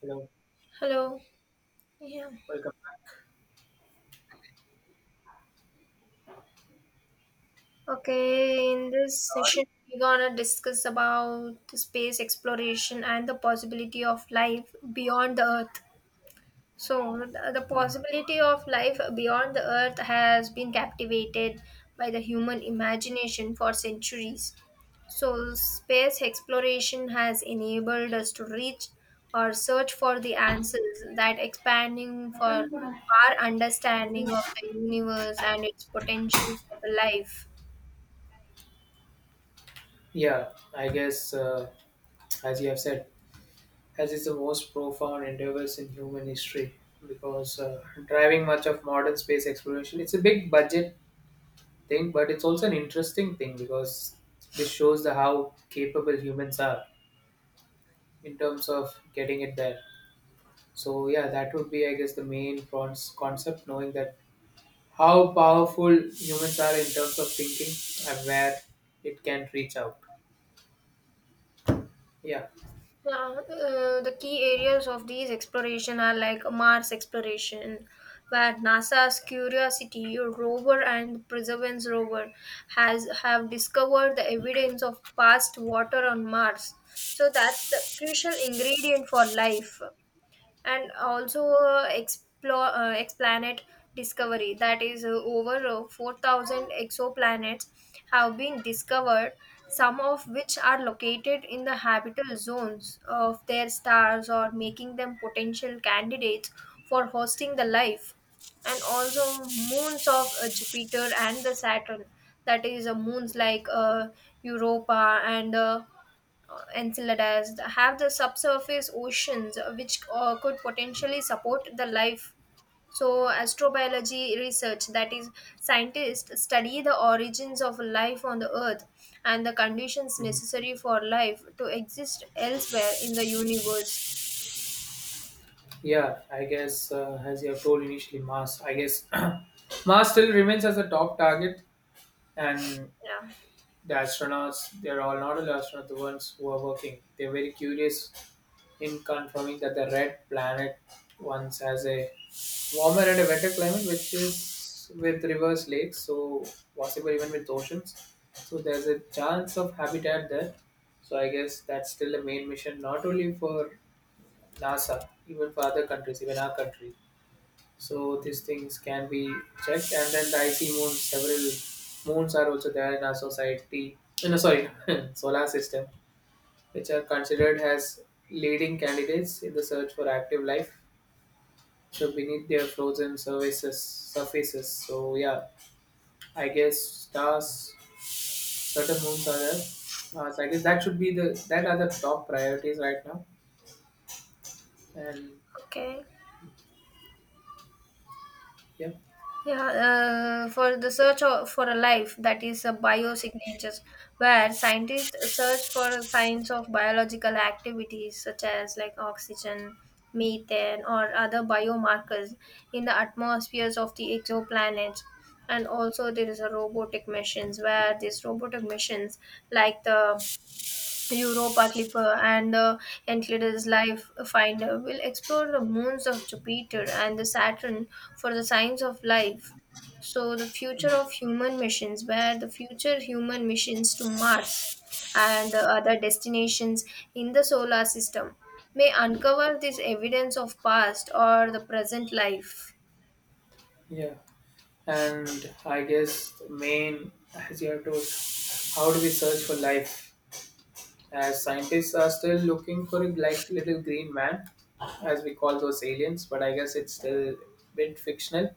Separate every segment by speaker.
Speaker 1: Hello,
Speaker 2: Hello. Yeah.
Speaker 1: welcome back,
Speaker 2: Okay, in this
Speaker 1: Lord.
Speaker 2: session we're gonna discuss about the space exploration and the possibility of life beyond the earth. So, the
Speaker 1: Mm.
Speaker 2: possibility of life beyond the earth has been captivated by the human imagination for centuries. So, space exploration has enabled us to reach or search for the answers that expanding for our understanding of the universe and its potential for the life.
Speaker 1: Yeah, I guess as you have said, as is the most profound endeavors in human history because driving much of modern space exploration, it's a big budget thing, but it's also an interesting thing because this shows the how capable humans are in terms of getting it there. So yeah, that would be I guess the main concept, knowing that how powerful humans are in terms of thinking and where it can reach out. Yeah.
Speaker 2: Yeah, the key areas of these exploration are like Mars exploration, where NASA's Curiosity rover and Perseverance rover has have discovered the evidence of past water on Mars. So that's the crucial ingredient for life and also explore explanet discovery, that is over 4000 exoplanets have been discovered, some of which are located in the habitable zones of their stars, or making them potential candidates for hosting the life, and also moons of jupiter and the saturn, that is moons like europa and Enceladus have the subsurface oceans which could potentially support the life. So, astrobiology research, that is, scientists study the origins of life on the Earth and the conditions necessary for life to exist elsewhere in the universe.
Speaker 1: Yeah, I guess as you have told initially, Mars. I guess Mars still remains as a top target, and
Speaker 2: Yeah.
Speaker 1: the astronauts, they're all not only astronauts, the ones who are working, they're very curious in confirming that the red planet once has a warmer and a wetter climate, which is with reverse lakes, so possible even with oceans. So there's a chance of habitat there. So I guess that's still the main mission, not only for NASA, even for other countries, even our country. So these things can be checked, and then the icy moon. Several moons are also there in our society. No, sorry, solar system, which are considered as leading candidates in the search for active life. So beneath their frozen surfaces. So yeah, I guess stars, certain moons are there. So I guess that should be the that are the top priorities right now. And
Speaker 2: Okay.
Speaker 1: yeah,
Speaker 2: Yeah, for the for a life, that is a biosignatures, where scientists search for signs of biological activities such as like oxygen, methane, or other biomarkers in the atmospheres of the exoplanets. And also, there is a robotic missions where these robotic missions, like the Europa Clipper and Enceladus Life Finder will explore the moons of Jupiter and the Saturn for the signs of life. So the future of human missions, where the future human missions to Mars and other destinations in the solar system may uncover this evidence of past or the present life.
Speaker 1: yeah. And I guess the main as you have to how do we search for life? As scientists are still looking for a like little green man, as we call those aliens, but I guess it's still a bit fictional.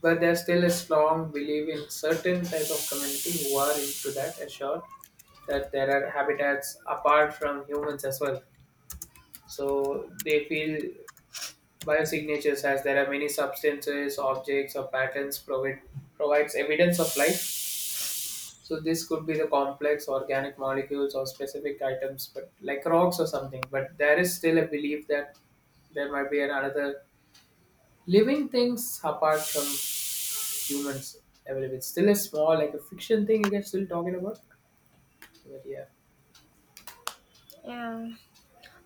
Speaker 1: But there's still a strong belief in certain type of community who are into that, assured that there are habitats apart from humans as well. So they feel biosignatures as there are many substances, objects, or patterns provides evidence of life. So this could be the complex organic molecules or specific items, but like rocks or something. But there is still a belief that there might be another living things apart from humans. I believe it's still a small, like a fiction thing you guys still talking about. But yeah,
Speaker 2: Yeah.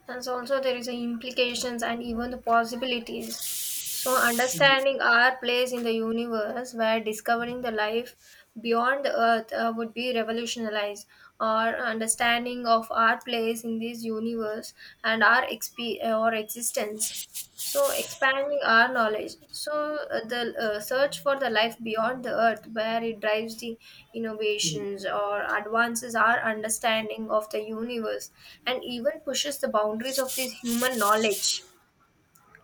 Speaker 2: And so also there is the implications and even the possibilities. So understanding our place in the universe, where discovering the life beyond the earth would be revolutionized our understanding of our place in this universe and our or existence, so, expanding our knowledge. So, the search for the life beyond the earth, where it drives the
Speaker 1: Hmm.
Speaker 2: innovations or advances our understanding of the universe and even pushes the boundaries of this human knowledge,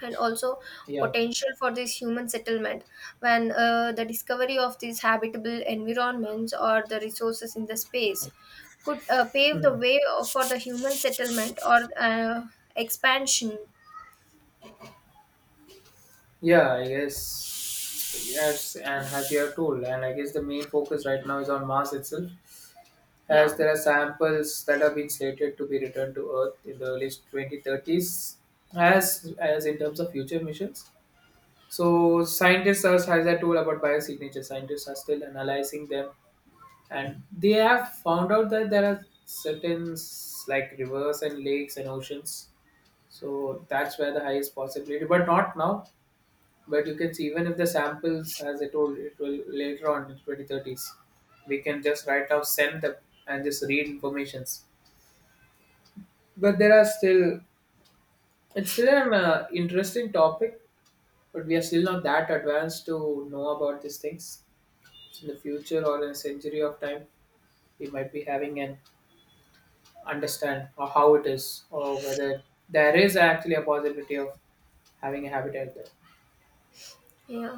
Speaker 2: and also
Speaker 1: Yeah,
Speaker 2: potential for this human settlement, when the discovery of these habitable environments or the resources in the space could pave the
Speaker 1: Hmm.
Speaker 2: way for the human settlement or expansion.
Speaker 1: Yeah. I guess yes, and as you have told, and I guess the main focus right now is on Mars itself, as
Speaker 2: Yeah,
Speaker 1: there are samples that have been slated to be returned to Earth in the early 2030s, as in terms of future missions. So scientists, as I told about biosignatures, scientists are still analyzing them, and they have found out that there are certain s- like rivers and lakes and oceans. So that's where the highest possibility, but not now. But you can see even if the samples, as I told, it will later on in 2030s, we can just right now send them and just read informations, but there are still it's still an interesting topic, but we are still not that advanced to know about these things. So in the future or in a century of time we might be having an understand or how it is or whether there is actually a possibility of having a habitat there.
Speaker 2: yeah.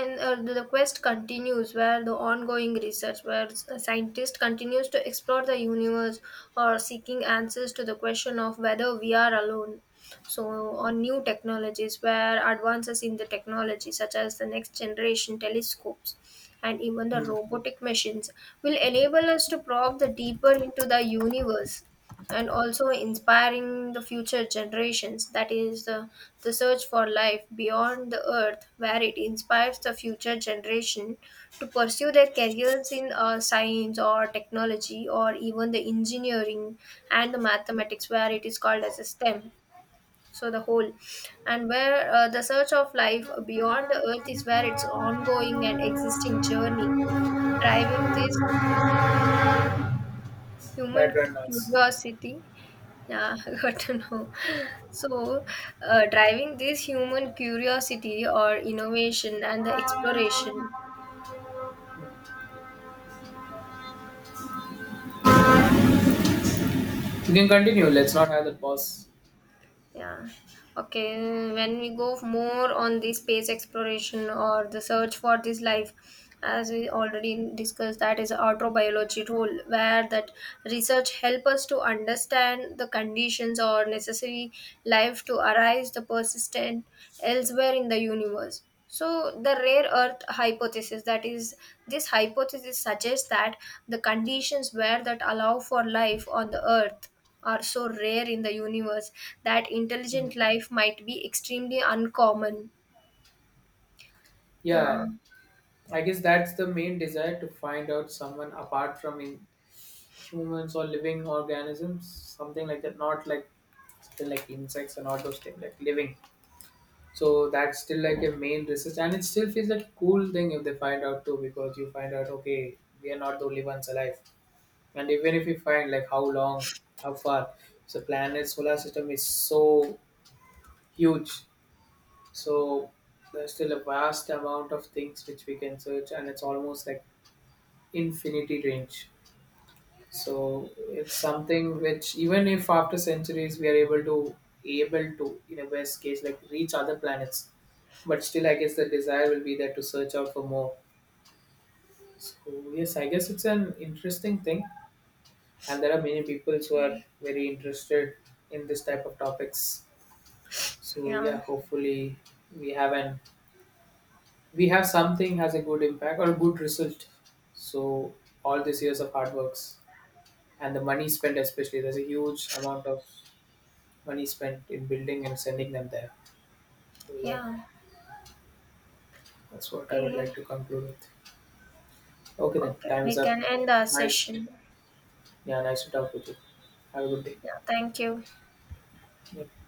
Speaker 2: And the quest continues, where the ongoing research, where a scientist continues to explore the universe or seeking answers to the question of whether we are alone. So, on new technologies, where advances in the technology, such as the next generation telescopes and even the
Speaker 1: Hmm.
Speaker 2: robotic machines, will enable us to probe the deeper into the universe, and also inspiring the future generations. That is the search for life beyond the earth, where it inspires the future generation to pursue their careers in science or technology or even the engineering and the mathematics, where it is called as a STEM. So the whole, and where the search of life beyond the earth is where it's ongoing and existing journey, driving this human
Speaker 1: Background noise.
Speaker 2: curiosity. Yeah, I got to know. So, driving this human curiosity or innovation and the exploration.
Speaker 1: You can continue, let's not have the pause.
Speaker 2: Yeah. Okay. When we go more on the space exploration or the search for this life, as we already discussed, that is autobiology role, where that research help us to understand the conditions or necessary life to arise the persistent elsewhere in the universe. So the rare earth hypothesis, that is, this hypothesis suggests that the conditions where that allow for life on the earth are so rare in the universe that
Speaker 1: Hmm.
Speaker 2: intelligent life might be extremely uncommon.
Speaker 1: Yeah,
Speaker 2: Yeah,
Speaker 1: I guess that's the main desire to find out someone apart from in humans or living organisms, something like that, not like still like insects and all those things, like living. So that's still like a main research, and it still feels like a cool thing if they find out too, because you find out okay, we are not the only ones alive, and even if you find like how long, how far, so planet solar system is so huge, so there's still a vast amount of things which we can search, and it's almost like infinity range. So it's something which even if after centuries we are able to in a best case like reach other planets, but still I guess the desire will be there to search out for more. So yes, I guess it's an interesting thing, and there are many people who
Speaker 2: yeah,
Speaker 1: are very interested in this type of topics. So
Speaker 2: yeah.
Speaker 1: yeah, hopefully we have an we have something has a good impact or a good result. So all these years of hard works and the money spent, especially there's a huge amount of money spent in building and sending them there. So yeah,
Speaker 2: Yeah.
Speaker 1: that's what I would
Speaker 2: Okay,
Speaker 1: like to conclude with. Okay then,
Speaker 2: okay.
Speaker 1: time is
Speaker 2: We
Speaker 1: up.
Speaker 2: can end our
Speaker 1: Nice,
Speaker 2: session.
Speaker 1: yeah, nice to talk with you. Have a good day.
Speaker 2: Yeah, thank you.
Speaker 1: Yeah.